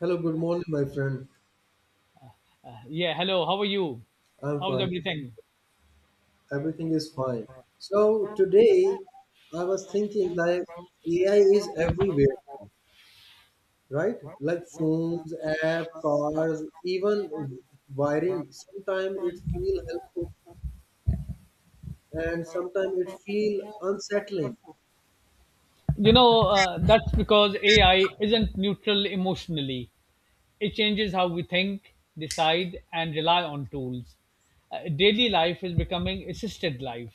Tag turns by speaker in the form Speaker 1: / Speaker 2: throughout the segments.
Speaker 1: Hello, good morning, my friend.
Speaker 2: Yeah, hello. How are you?
Speaker 1: I'm
Speaker 2: How's
Speaker 1: fine.
Speaker 2: everything?
Speaker 1: Everything is fine. So today I was thinking like AI is everywhere, right? Like phones, app, cars, even wiring. Sometimes it feel helpful and sometimes it feel unsettling.
Speaker 2: That's because AI isn't neutral emotionally. It changes how we think, decide, and rely on tools. Daily life is becoming assisted life.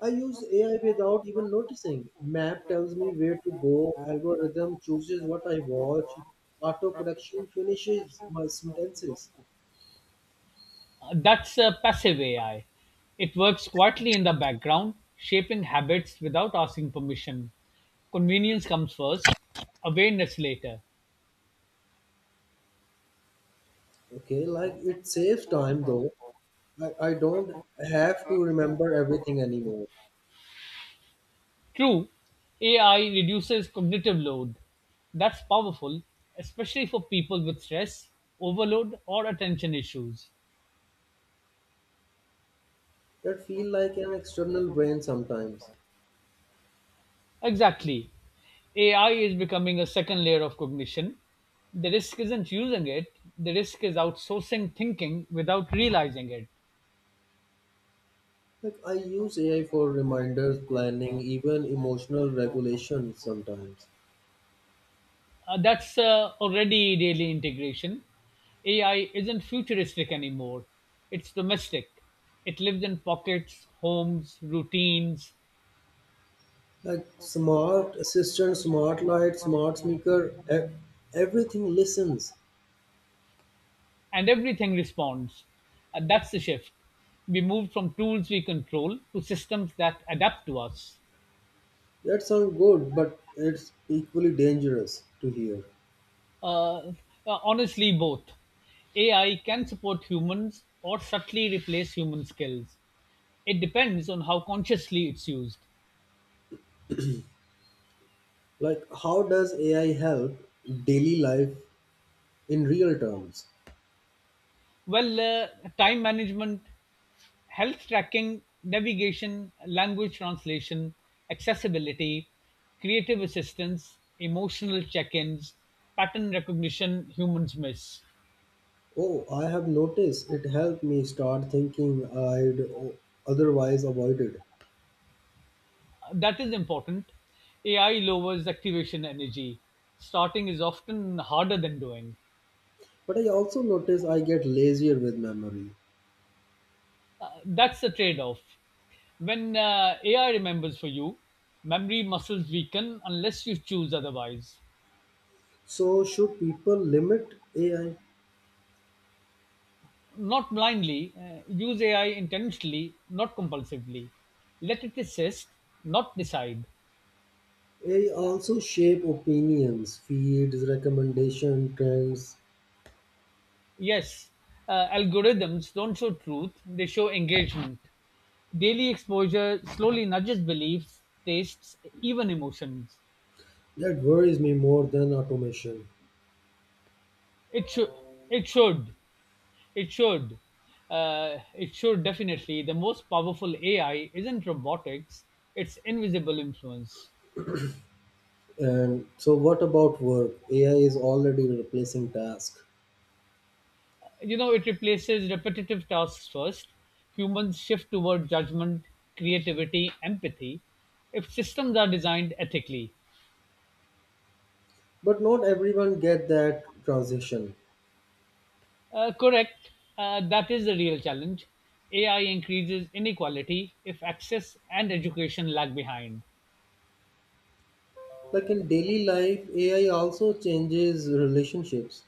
Speaker 1: I use AI without even noticing. Map tells me where to go, algorithm chooses what I watch, auto correction finishes my sentences.
Speaker 2: That's passive AI. It works quietly in the background, shaping habits without asking permission. Convenience comes first, awareness later.
Speaker 1: Okay, like it saves time though, I don't have to remember everything anymore.
Speaker 2: True, AI reduces cognitive load. That's powerful, especially for people with stress, overload, or attention issues.
Speaker 1: That feel like an external brain sometimes.
Speaker 2: Exactly. AI is becoming a second layer of cognition. The risk isn't using it, the risk is outsourcing thinking without realizing it.
Speaker 1: Like I use AI for reminders, planning, even emotional regulation sometimes.
Speaker 2: That's already daily integration. AI isn't futuristic anymore, it's domestic. It lives in pockets, homes, routines,
Speaker 1: Like smart assistant, smart light, smart speaker, everything listens.
Speaker 2: and everything responds. That's the shift. We moved from tools we control to systems that adapt to us.
Speaker 1: That sounds good, but it's equally dangerous to hear.
Speaker 2: Uh, uh, Honestly, both. AI can support humans or subtly replace human skills. It depends on how consciously it's used.
Speaker 1: Like how does AI help daily life in real terms?
Speaker 2: Well, time management, health tracking, navigation, language translation, accessibility, creative assistance, emotional check ins, pattern recognition humans miss.
Speaker 1: Oh, I have noticed it helped me start thinking I'd otherwise avoided.
Speaker 2: That is important. AI lowers activation energy. Starting is often harder than doing.
Speaker 1: But I also notice I get lazier with memory.
Speaker 2: That's the trade off. When AI remembers for you, memory muscles weaken unless you choose otherwise.
Speaker 1: So, should people limit AI?
Speaker 2: Not blindly, use AI intentionally, not compulsively. Let it assist, not decide.
Speaker 1: AI also shape opinions, feeds, recommendation, trends.
Speaker 2: Yes, algorithms don't show truth, they show engagement. Daily exposure slowly nudges beliefs, tastes, even emotions.
Speaker 1: That worries me more than automation.
Speaker 2: It should, it should, it should, it should definitely. The most powerful AI isn't robotics, it's invisible influence.
Speaker 1: And so, what about work? AI is already replacing tasks,
Speaker 2: It replaces repetitive tasks first. Humans shift toward judgment, creativity, empathy if systems are designed ethically.
Speaker 1: but not everyone get that transition.
Speaker 2: Correct. That is the real challenge. AI increases inequality if access and education lag behind.
Speaker 1: Like in daily life, AI also changes relationships.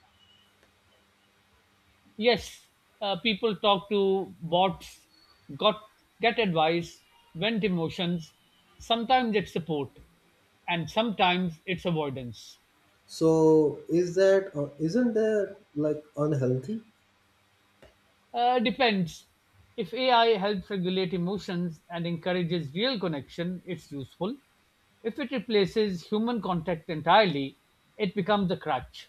Speaker 2: Yes, people talk to bots, got get advice, vent emotions. Sometimes it's support, and sometimes it's avoidance.
Speaker 1: So is that isn't that like unhealthy?
Speaker 2: Depends. If AI helps regulate emotions and encourages real connection, it's useful. If it replaces human contact entirely, it becomes a crutch.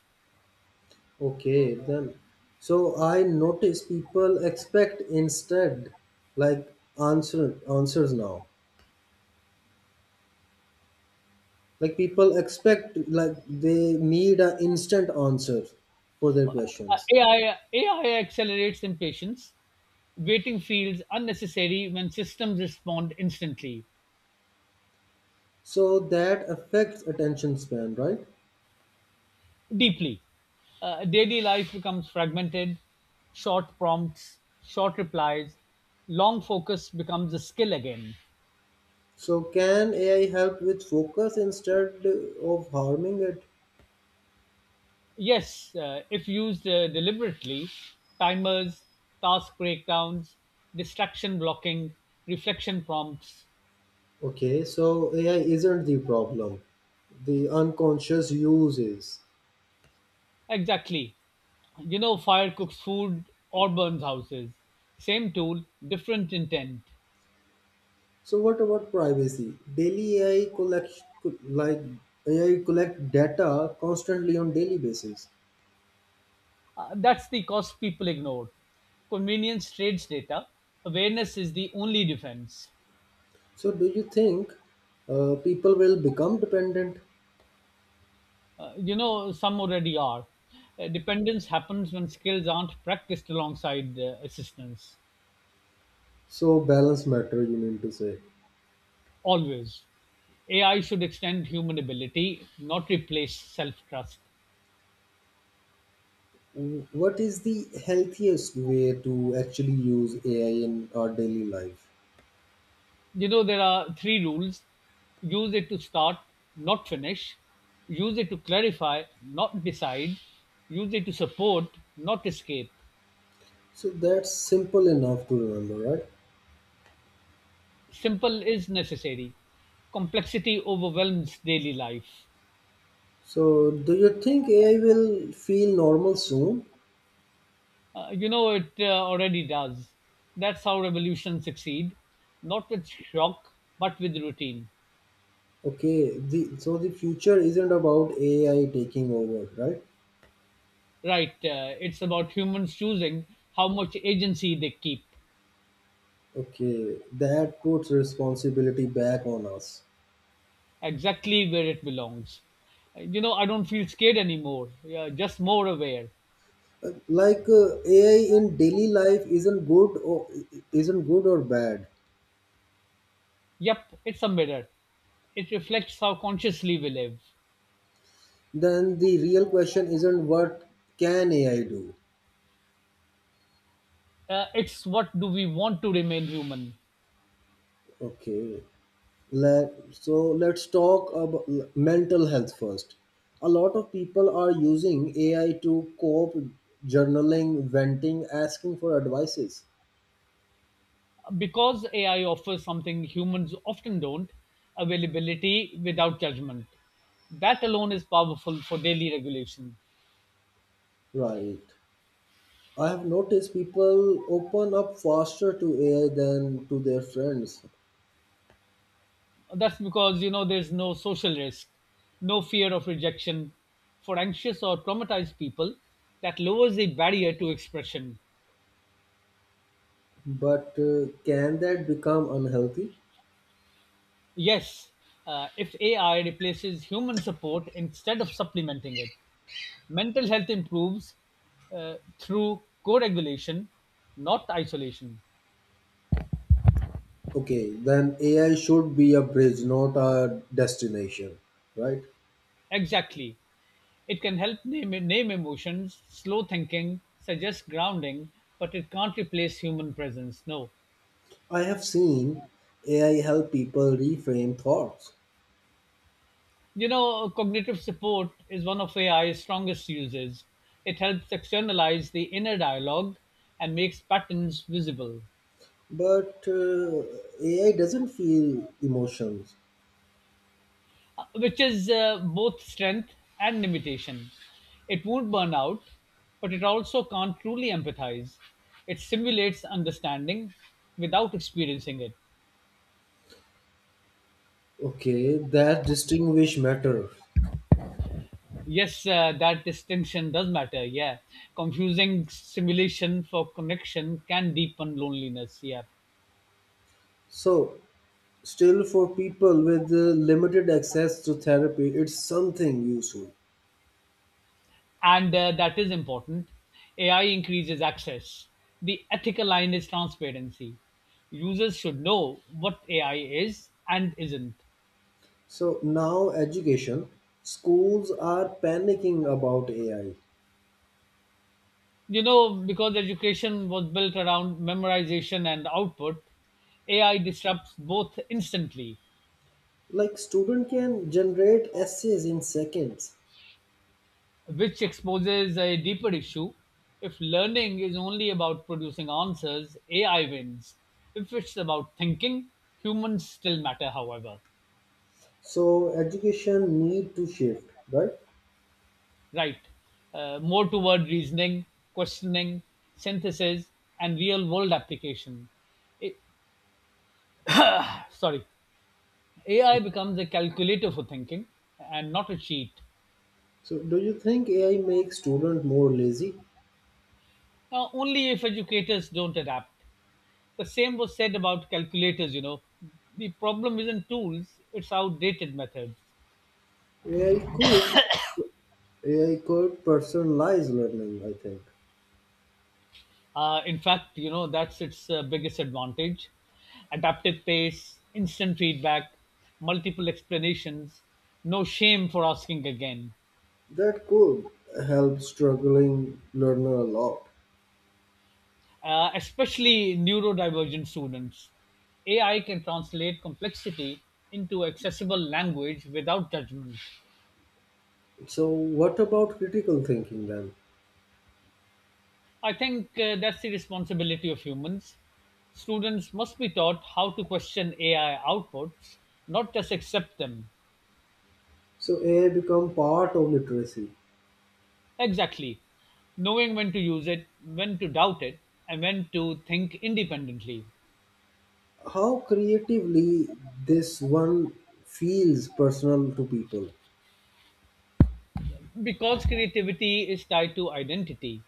Speaker 1: Okay, then. So I notice people expect instead, like answers now. Like people expect like they need an instant answer for their questions.
Speaker 2: AI accelerates impatience. Waiting feels unnecessary when systems respond instantly.
Speaker 1: So that affects attention span, right?
Speaker 2: Deeply. Daily life becomes fragmented, short prompts, short replies, long focus becomes a skill again.
Speaker 1: So can AI help with focus instead of harming it?
Speaker 2: Yes, if used deliberately, timers, task breakdowns, distraction blocking, reflection prompts.
Speaker 1: Okay, so AI isn't the problem. The unconscious use is.
Speaker 2: Exactly. Fire cooks food or burns houses. Same tool, different intent.
Speaker 1: So what about privacy? Daily AI collect like AI collect data constantly on daily basis.
Speaker 2: That's the cost people ignore. Convenience trades data. Awareness is the only defense.
Speaker 1: So do you think people will become dependent?
Speaker 2: Some already are. Dependence happens when skills aren't practiced alongside assistance.
Speaker 1: So balance matter you mean to say.
Speaker 2: Always. AI should extend human ability, not replace self trust.
Speaker 1: What is the healthiest way to actually use AI in our daily life?
Speaker 2: There are three rules: use it to start, not finish, use it to clarify, not decide, use it to support, not escape.
Speaker 1: So that's simple enough to remember, right?
Speaker 2: Simple is necessary. Complexity overwhelms daily life.
Speaker 1: So, do you think AI will feel normal soon?
Speaker 2: It already does. That's how revolutions succeed, not with shock, but with routine.
Speaker 1: Okay, the so the future isn't about AI taking over, right?
Speaker 2: Right, it's about humans choosing how much agency they keep.
Speaker 1: Okay, that puts responsibility back on us.
Speaker 2: Exactly where it belongs. I don't feel scared anymore, yeah, just more aware.
Speaker 1: Like AI in daily life isn't good or bad.
Speaker 2: Yep, it's a mirror. It reflects how consciously we live.
Speaker 1: Then the real question isn't what can AI do?
Speaker 2: It's what do we want to remain human?
Speaker 1: Okay, so let's talk about mental health first. A lot of people are using AI to cope, journaling, venting, asking for advices.
Speaker 2: Because AI offers something humans often don't. Availability without judgment. That alone is powerful for daily regulation.
Speaker 1: Right. I have noticed people open up faster to AI than to their friends.
Speaker 2: That's because, there's no social risk, no fear of rejection. For anxious or traumatized people, that lowers the barrier to expression.
Speaker 1: But can that become unhealthy?
Speaker 2: Yes, if AI replaces human support instead of supplementing it, mental health improves through co regulation, not isolation.
Speaker 1: Okay, then AI should be a bridge, not a destination, right?
Speaker 2: Exactly. It can help name emotions, slow thinking, suggest grounding, but it can't replace human presence. No.
Speaker 1: I have seen AI help people reframe thoughts.
Speaker 2: Cognitive support is one of AI's strongest uses. It helps externalize the inner dialogue and makes patterns visible,
Speaker 1: But AI doesn't feel emotions.
Speaker 2: which is both strength and limitation. It won't burn out, but it also can't truly empathize. It simulates understanding without experiencing it.
Speaker 1: Okay, that distinguish matters.
Speaker 2: Yes, that distinction does matter. Yeah. Confusing simulation for connection can deepen loneliness. Yeah.
Speaker 1: So, still for people with limited access to therapy, it's something useful.
Speaker 2: And that is important. AI increases access. The ethical line is transparency. Users should know what AI is and isn't.
Speaker 1: So, now education, schools are panicking about AI.
Speaker 2: Because education was built around memorization and output, AI disrupts both instantly.
Speaker 1: Like student can generate essays in seconds.
Speaker 2: Which exposes a deeper issue. If learning is only about producing answers, AI wins. If it's about thinking, humans still matter, however.
Speaker 1: So, education need to shift, right?
Speaker 2: Right, more toward reasoning, questioning, synthesis, and real world application. It, sorry, AI becomes a calculator for thinking and not a cheat,
Speaker 1: So, do you think AI makes student more lazy?
Speaker 2: only if educators don't adapt. The same was said about calculators. The problem isn't tools, it's outdated methods.
Speaker 1: AI could AI could personalize learning, I think.
Speaker 2: In fact, that's its biggest advantage. Adaptive pace, instant feedback, multiple explanations, no shame for asking again.
Speaker 1: That could help struggling learner a lot.
Speaker 2: Especially neurodivergent students. AI can translate complexity into accessible language without judgment.
Speaker 1: So what about critical thinking then?
Speaker 2: I think that's the responsibility of humans. Students must be taught how to question AI outputs, not just accept them.
Speaker 1: So AI become part of literacy.
Speaker 2: Exactly. Knowing when to use it, when to doubt it, and when to think independently.
Speaker 1: How creatively this one feels personal to people.
Speaker 2: Because creativity is tied to identity.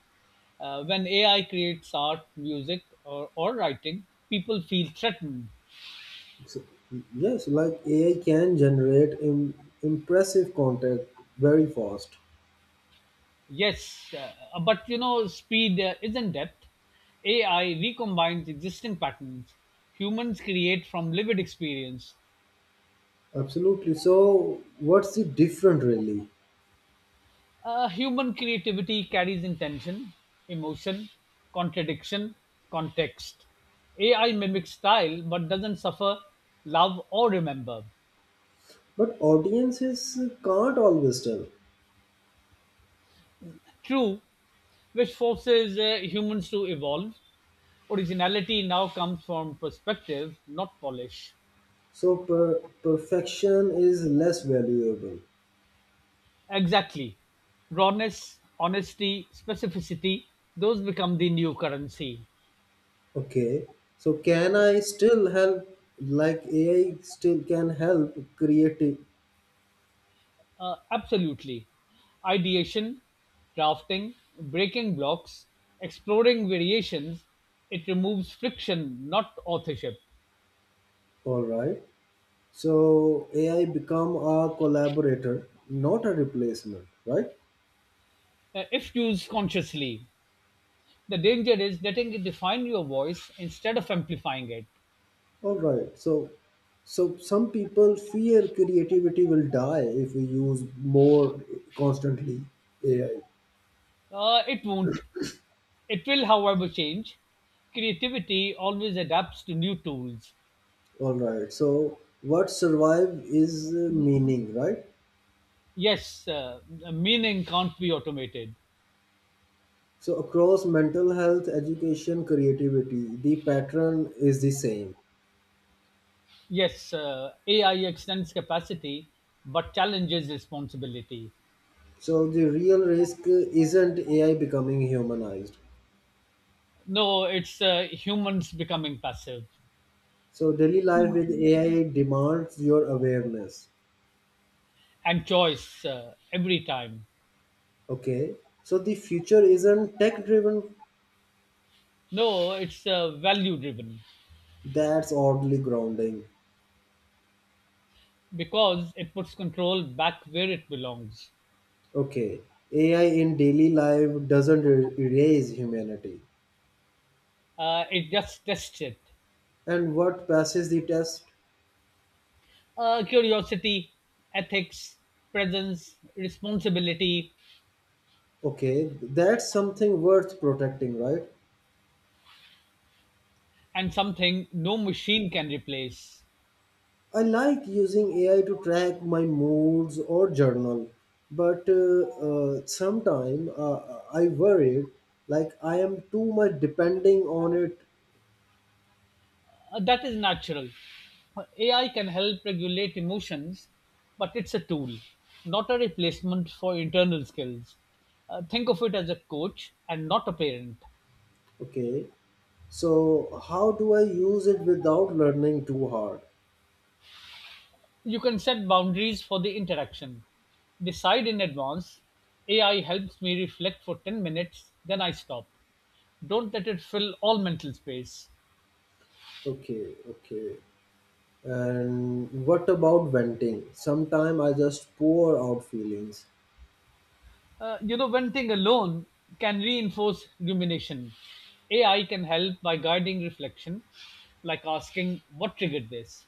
Speaker 2: When AI creates art, music, or writing, people feel threatened.
Speaker 1: So, yes, like AI can generate impressive content very fast.
Speaker 2: Yes, but speed isn't depth. AI recombines existing patterns. Humans create from lived experience.
Speaker 1: Absolutely. So what's the different really?
Speaker 2: Human creativity carries intention, emotion, contradiction, context. AI mimics style but doesn't suffer love or remember.
Speaker 1: But audiences can't always tell.
Speaker 2: True, which forces humans to evolve. Originality now comes from perspective, not polish.
Speaker 1: So perfection is less valuable.
Speaker 2: Exactly. Rawness, honesty, specificity, those become the new currency.
Speaker 1: Okay. So can I still help? Like AI still can help creative.
Speaker 2: Absolutely. Ideation, drafting, breaking blocks, exploring variations, it removes friction, not authorship.
Speaker 1: All right. So AI become a collaborator, not a replacement. Right.
Speaker 2: If used consciously, the danger is letting it define your voice instead of amplifying it.
Speaker 1: All right. So some people fear creativity will die if we use more constantly AI.
Speaker 2: It won't. It will, however, change. Creativity always adapts to new tools.
Speaker 1: All right. So what survive is meaning, right?
Speaker 2: Yes, meaning can't be automated.
Speaker 1: So, across mental health, education, creativity, the pattern is the same.
Speaker 2: Yes, AI extends capacity but challenges responsibility.
Speaker 1: So, the real risk isn't AI becoming humanized.
Speaker 2: No, it's humans becoming passive
Speaker 1: So, daily life with AI demands your awareness.
Speaker 2: and choice every time.
Speaker 1: Okay. So, the future isn't tech driven,
Speaker 2: No, it's value driven
Speaker 1: that's oddly grounding.
Speaker 2: because it puts control back where it belongs.
Speaker 1: Okay. AI in daily life doesn't erase humanity.
Speaker 2: It just tests it.
Speaker 1: And what passes the test?
Speaker 2: Curiosity, ethics, presence, responsibility,
Speaker 1: Okay. That's something worth protecting, right?
Speaker 2: and something no machine can replace.
Speaker 1: I like using AI to track my moods or journal, but sometimes I worry like I am too much depending on it.
Speaker 2: That is natural. AI can help regulate emotions, but it's a tool, not a replacement for internal skills. Think of it as a coach and not a parent.
Speaker 1: Okay, so how do I use it without learning too hard?
Speaker 2: You can set boundaries for the interaction. Decide in advance: AI helps me reflect for 10 minutes, then I stop. Don't let it fill all mental space.
Speaker 1: Okay, okay. And what about venting? Sometimes I just pour out feelings.
Speaker 2: One thing alone can reinforce rumination. AI can help by guiding reflection, like asking, "What triggered this?"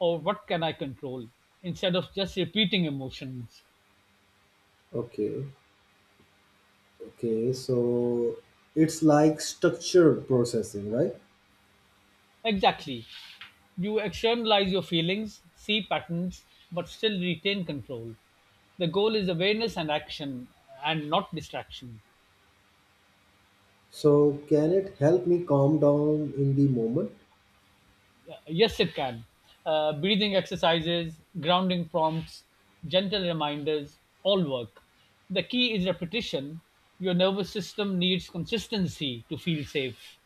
Speaker 2: or "What can I control?" instead of just repeating emotions.
Speaker 1: Okay, okay. So it's like structured processing, right?
Speaker 2: Exactly. You externalize your feelings, see patterns, but still retain control. The goal is awareness and action, and not distraction.
Speaker 1: So can it help me calm down in the moment?
Speaker 2: Yes, it can. Breathing exercises, grounding prompts, gentle reminders, all work. The key is repetition. Your nervous system needs consistency to feel safe,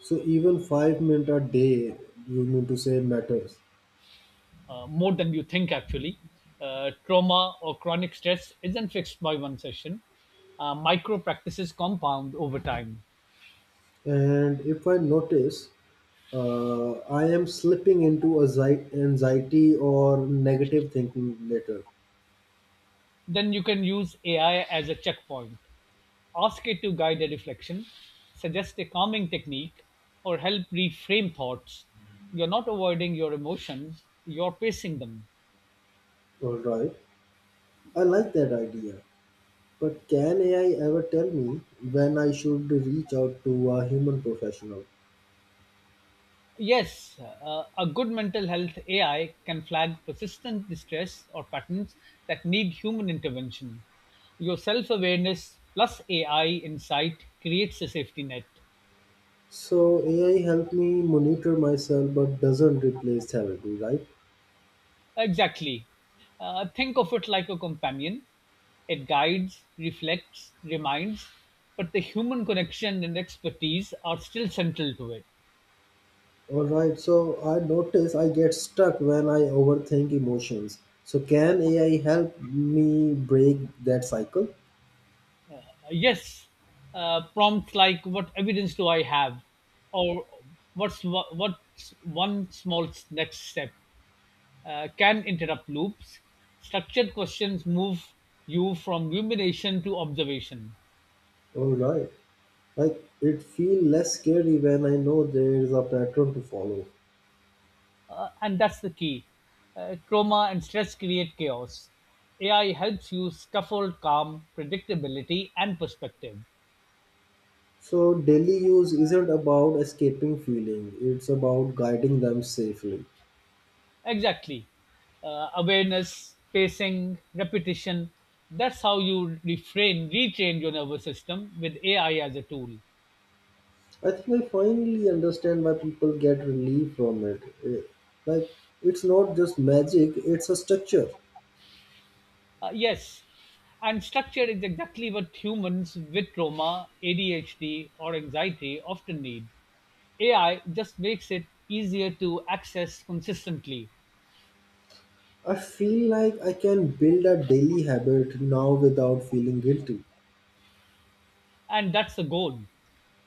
Speaker 1: So even 5 minutes a day, you mean to say matters.
Speaker 2: more than you think, actually. Trauma or chronic stress isn't fixed by one session. Micro practices compound over time.
Speaker 1: And if I notice, I am slipping into anxiety or negative thinking later.
Speaker 2: Then you can use AI as a checkpoint. Ask it to guide a reflection, suggest a calming technique, or help reframe thoughts. You're not avoiding your emotions, you're pacing them.
Speaker 1: All right, I like that idea. But can AI ever tell me when I should reach out to a human professional?
Speaker 2: Yes, a good mental health AI can flag persistent distress or patterns that need human intervention. Your self awareness plus AI insight creates a safety net.
Speaker 1: So AI help me monitor myself, but doesn't replace therapy, right?
Speaker 2: Exactly. Think of it like a companion. It guides, reflects, reminds, but the human connection and expertise are still central to it.
Speaker 1: All right, so I notice I get stuck when I overthink emotions. So can AI help me break that cycle?
Speaker 2: Yes, prompts like "What evidence do I have?" or "What's one small next step?" Can interrupt loops. Structured questions move you from rumination to observation.
Speaker 1: All right, like it feel less scary when I know there is a pattern to follow.
Speaker 2: And that's the key. Trauma and stress create chaos. AI helps you scaffold calm, predictability, and perspective.
Speaker 1: So daily use isn't about escaping feeling; it's about guiding them safely.
Speaker 2: Exactly. Awareness, pacing, repetition. That's how you retrain your nervous system with AI as a tool.
Speaker 1: I think I finally understand why people get relief from it. Like it's not just magic; it's a structure.
Speaker 2: Yes. And structure is exactly what humans with trauma, ADHD, or anxiety often need. AI just makes it easier to access consistently.
Speaker 1: I feel like I can build a daily habit now without feeling guilty.
Speaker 2: And that's the goal.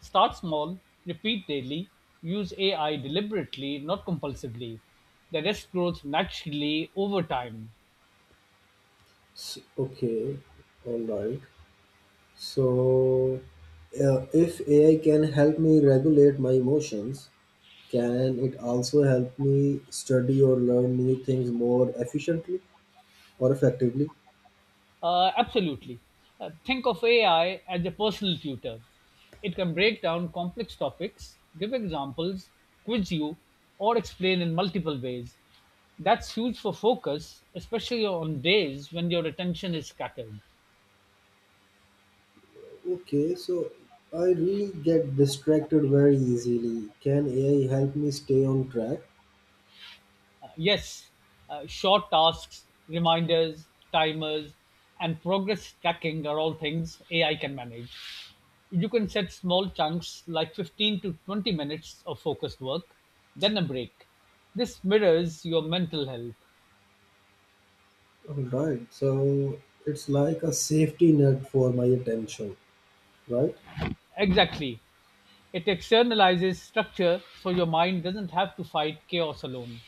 Speaker 2: Start small, repeat daily, use AI deliberately, not compulsively. The rest grows naturally over time.
Speaker 1: S okay, all right. So, if AI can help me regulate my emotions, can it also help me study or learn new things more efficiently or effectively?
Speaker 2: Absolutely. Think of AI as a personal tutor. It can break down complex topics, give examples, quiz you, or explain in multiple ways. That's huge for focus, especially on days when your attention is scattered.
Speaker 1: Okay, so I really get distracted very easily. Can AI help me stay on track?
Speaker 2: Yes, short tasks, reminders, timers, and progress tracking are all things AI can manage. You can set small chunks like 15 to 20 minutes of focused work, then a break. This mirrors your mental health.
Speaker 1: All right, so it's like a safety net for my attention, right?
Speaker 2: Exactly. It externalizes structure so your mind doesn't have to fight chaos alone.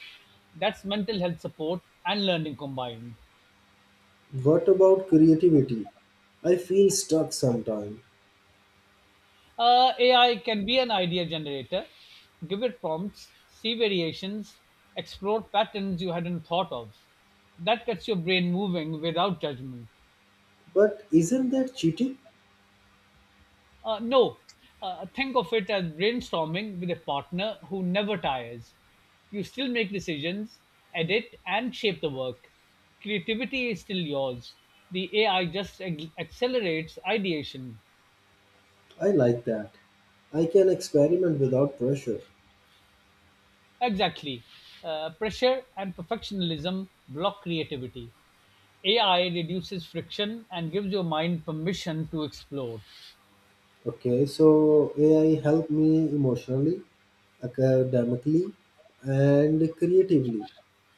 Speaker 2: That's mental health support and learning combined.
Speaker 1: What about creativity? I feel stuck sometimes.
Speaker 2: AI can be an idea generator. Give it prompts, see variations, explore patterns you hadn't thought of. That gets your brain moving without judgment.
Speaker 1: But isn't that cheating?
Speaker 2: No, think of it as brainstorming with a partner who never tires. You still make decisions, edit, and shape the work. Creativity is still yours. The AI just accelerates ideation.
Speaker 1: I like that. I can experiment without pressure.
Speaker 2: Exactly. Pressure and perfectionism block creativity. AI reduces friction and gives your mind permission to explore.
Speaker 1: Okay, so AI help me emotionally, academically, and creatively.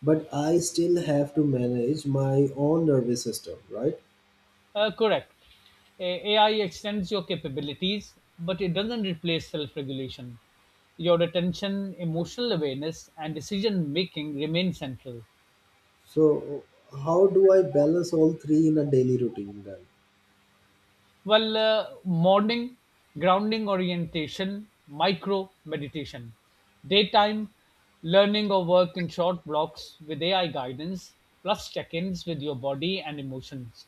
Speaker 1: But I still have to manage my own nervous system, right?
Speaker 2: Correct. AI extends your capabilities, but it doesn't replace self regulation. Your attention, emotional awareness, and decision making remain central.
Speaker 1: So how do I balance all three in a daily routine then?
Speaker 2: Morning grounding orientation, micro meditation, daytime learning or work in short blocks with AI guidance, plus check ins with your body and emotions.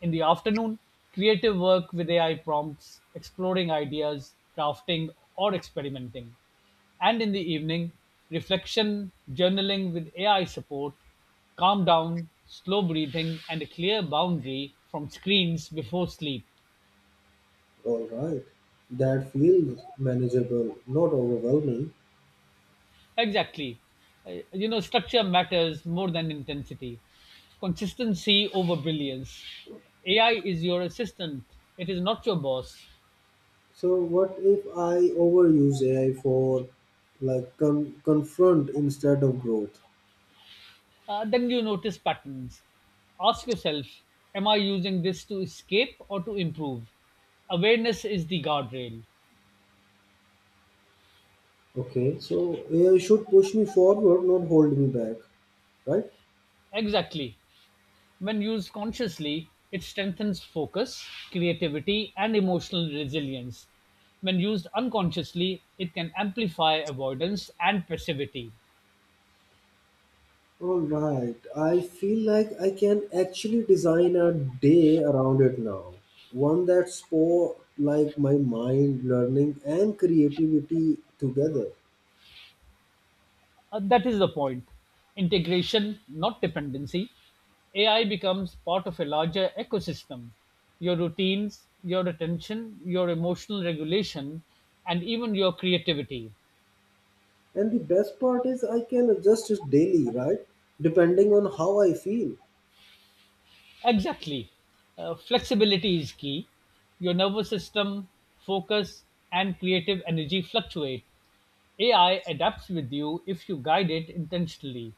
Speaker 2: In the afternoon, creative work with AI prompts, exploring ideas, drafting, or experimenting. And in the evening, reflection, journaling with AI support, calm down, slow breathing, and a clear boundary from screens before sleep.
Speaker 1: All right. That feels manageable, not overwhelming.
Speaker 2: Exactly. Structure matters more than intensity. Consistency over brilliance. AI is your assistant, it is not your boss.
Speaker 1: So what if I overuse AI for like confront instead of growth?
Speaker 2: Then you notice patterns. Ask yourself, am I using this to escape or to improve? Awareness is the guardrail.
Speaker 1: Okay. So AI should push me forward, not hold me back, right?
Speaker 2: Exactly. When used consciously, it strengthens focus, creativity, and emotional resilience. When used unconsciously, it can amplify avoidance and passivity.
Speaker 1: All right. I feel like I can actually design a day around it now. One that sport like my mind, learning, and creativity together.
Speaker 2: That is the point. Integration, not dependency. AI becomes part of a larger ecosystem. Your routines, your attention, your emotional regulation, and even your creativity.
Speaker 1: And the best part is I can adjust it daily, right? Depending on how I feel.
Speaker 2: Exactly. Flexibility is key. Your nervous system, focus, and creative energy fluctuate. AI adapts with you if you guide it intentionally.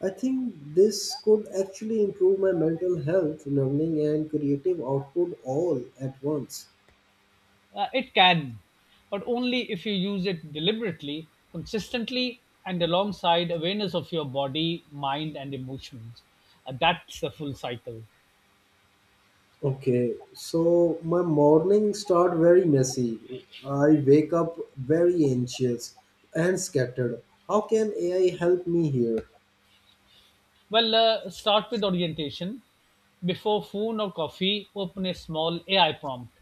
Speaker 1: I think this could actually improve my mental health, learning, and creative output all at once.
Speaker 2: It can, but only if you use it deliberately, consistently, and alongside awareness of your body, mind, and emotions. That's the full cycle.
Speaker 1: Okay, so my mornings start very messy. I wake up very anxious and scattered. How can AI help me here?
Speaker 2: Start with orientation. Before phone or coffee, open a small AI prompt.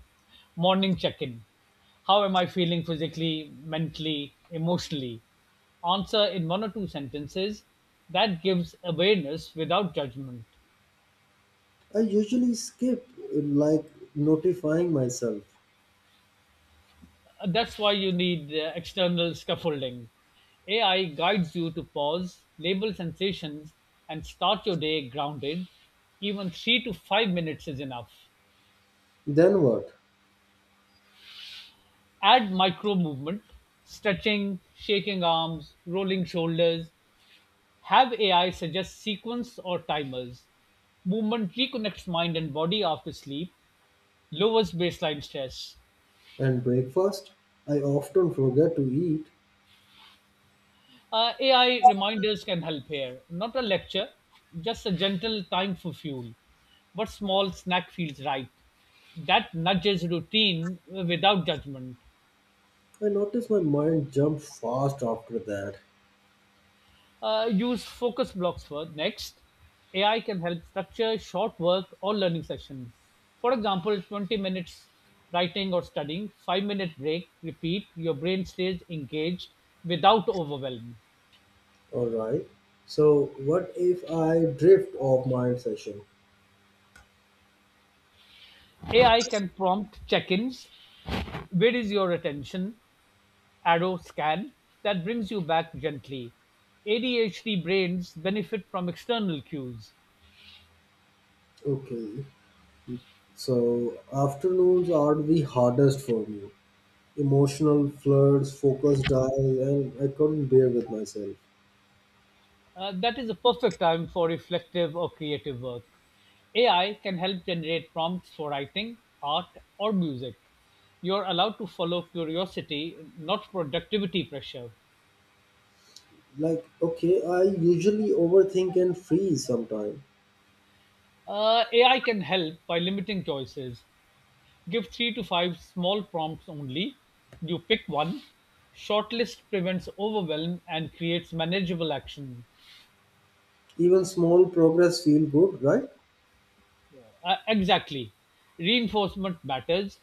Speaker 2: Morning check in. How am I feeling physically, mentally, emotionally? Answer in one or two sentences. That gives awareness without judgment.
Speaker 1: I usually skip like notifying myself.
Speaker 2: That's why you need external scaffolding. AI guides you to pause, label sensations, and start your day grounded. Even 3 to 5 minutes is enough.
Speaker 1: Then what?
Speaker 2: Add micro movement, stretching, shaking arms, rolling shoulders. Have AI suggest sequence or timers. Movement reconnects mind and body after sleep, lowers baseline stress.
Speaker 1: And breakfast? I often forget to eat.
Speaker 2: AI reminders can help here. Not a lecture, just a gentle time for fuel. But small snack feels right. That nudges routine without judgment.
Speaker 1: I notice my mind jumps fast after that.
Speaker 2: Use focus blocks for next. AI can help structure short work or learning sessions. For example, 20 minutes writing or studying, 5-minute break, repeat. Your brain stays engaged without overwhelm.
Speaker 1: All right. So, what if I drift off my session?
Speaker 2: AI can prompt check ins. Where is your attention? Arrow scan that brings you back gently. ADHD brains benefit from external cues.
Speaker 1: Okay. So, afternoons are the hardest for me. Emotional floods, focus dial, and I couldn't bear with myself.
Speaker 2: That is a perfect time for reflective or creative work. AI can help generate prompts for writing, art, or music. You're allowed to follow curiosity, not productivity pressure.
Speaker 1: Like, okay, I usually overthink and freeze sometimes.
Speaker 2: AI can help by limiting choices. Give 3 to 5 small prompts only. You pick one. Shortlist prevents overwhelm and creates manageable action.
Speaker 1: Even small progress feel good, right?
Speaker 2: Exactly. Reinforcement matters.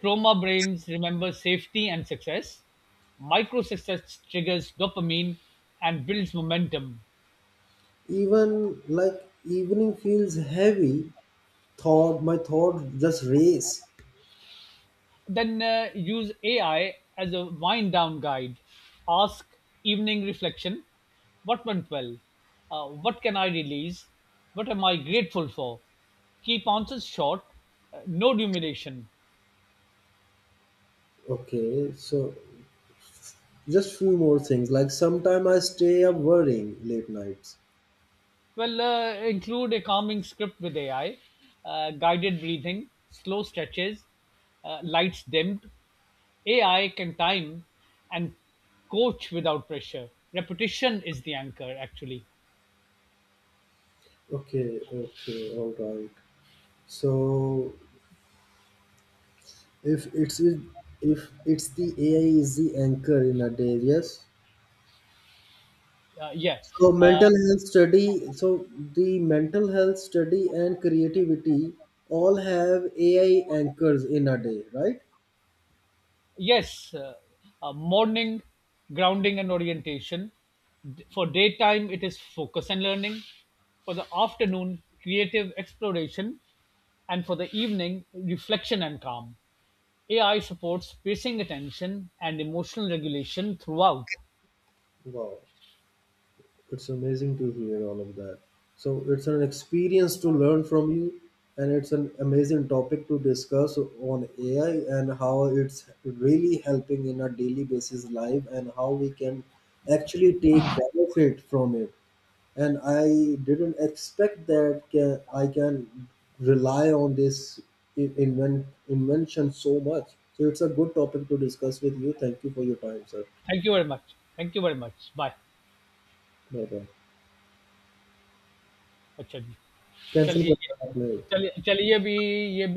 Speaker 2: Trauma brains remember safety and success. Micro success triggers dopamine and builds momentum.
Speaker 1: Even like evening feels heavy. Thought my thoughts just race.
Speaker 2: Then use AI as a wind down guide. Ask evening reflection what went well? What can I release? What am I grateful for? Keep answers short, no rumination.
Speaker 1: Okay, so just few more things, like sometime I stay up worrying late nights.
Speaker 2: Include a calming script with AI, guided breathing, slow stretches, lights dimmed. AI can time and coach without pressure. Repetition is the anchor, actually.
Speaker 1: Okay, okay, all right. So if it's if it's the AI is the anchor in a day, yes.
Speaker 2: Yeah.
Speaker 1: So
Speaker 2: Uh,
Speaker 1: mental health study, so the mental health study and creativity all have AI anchors in a day, right?
Speaker 2: Yes, morning grounding and orientation. For daytime, it is focus and learning. For the afternoon, creative exploration. And for the evening, reflection and calm. AI supports spacing attention and emotional regulation throughout.
Speaker 1: Wow. It's amazing to hear all of that. So it's an experience to learn from you, and it's an amazing topic to discuss on AI and how it's really helping in our daily basis life and how we can actually take benefit from it. And I didn't expect that I can rely on this invention so much. So it's a good topic to discuss with you. Thank you for your time, sir.
Speaker 2: Thank you very much. Thank you very much. Bye.
Speaker 1: Bye bye.
Speaker 2: अच्छा जी,
Speaker 1: Cancel.
Speaker 2: चलिए,
Speaker 1: करना अपने।
Speaker 2: चलिए ये भी।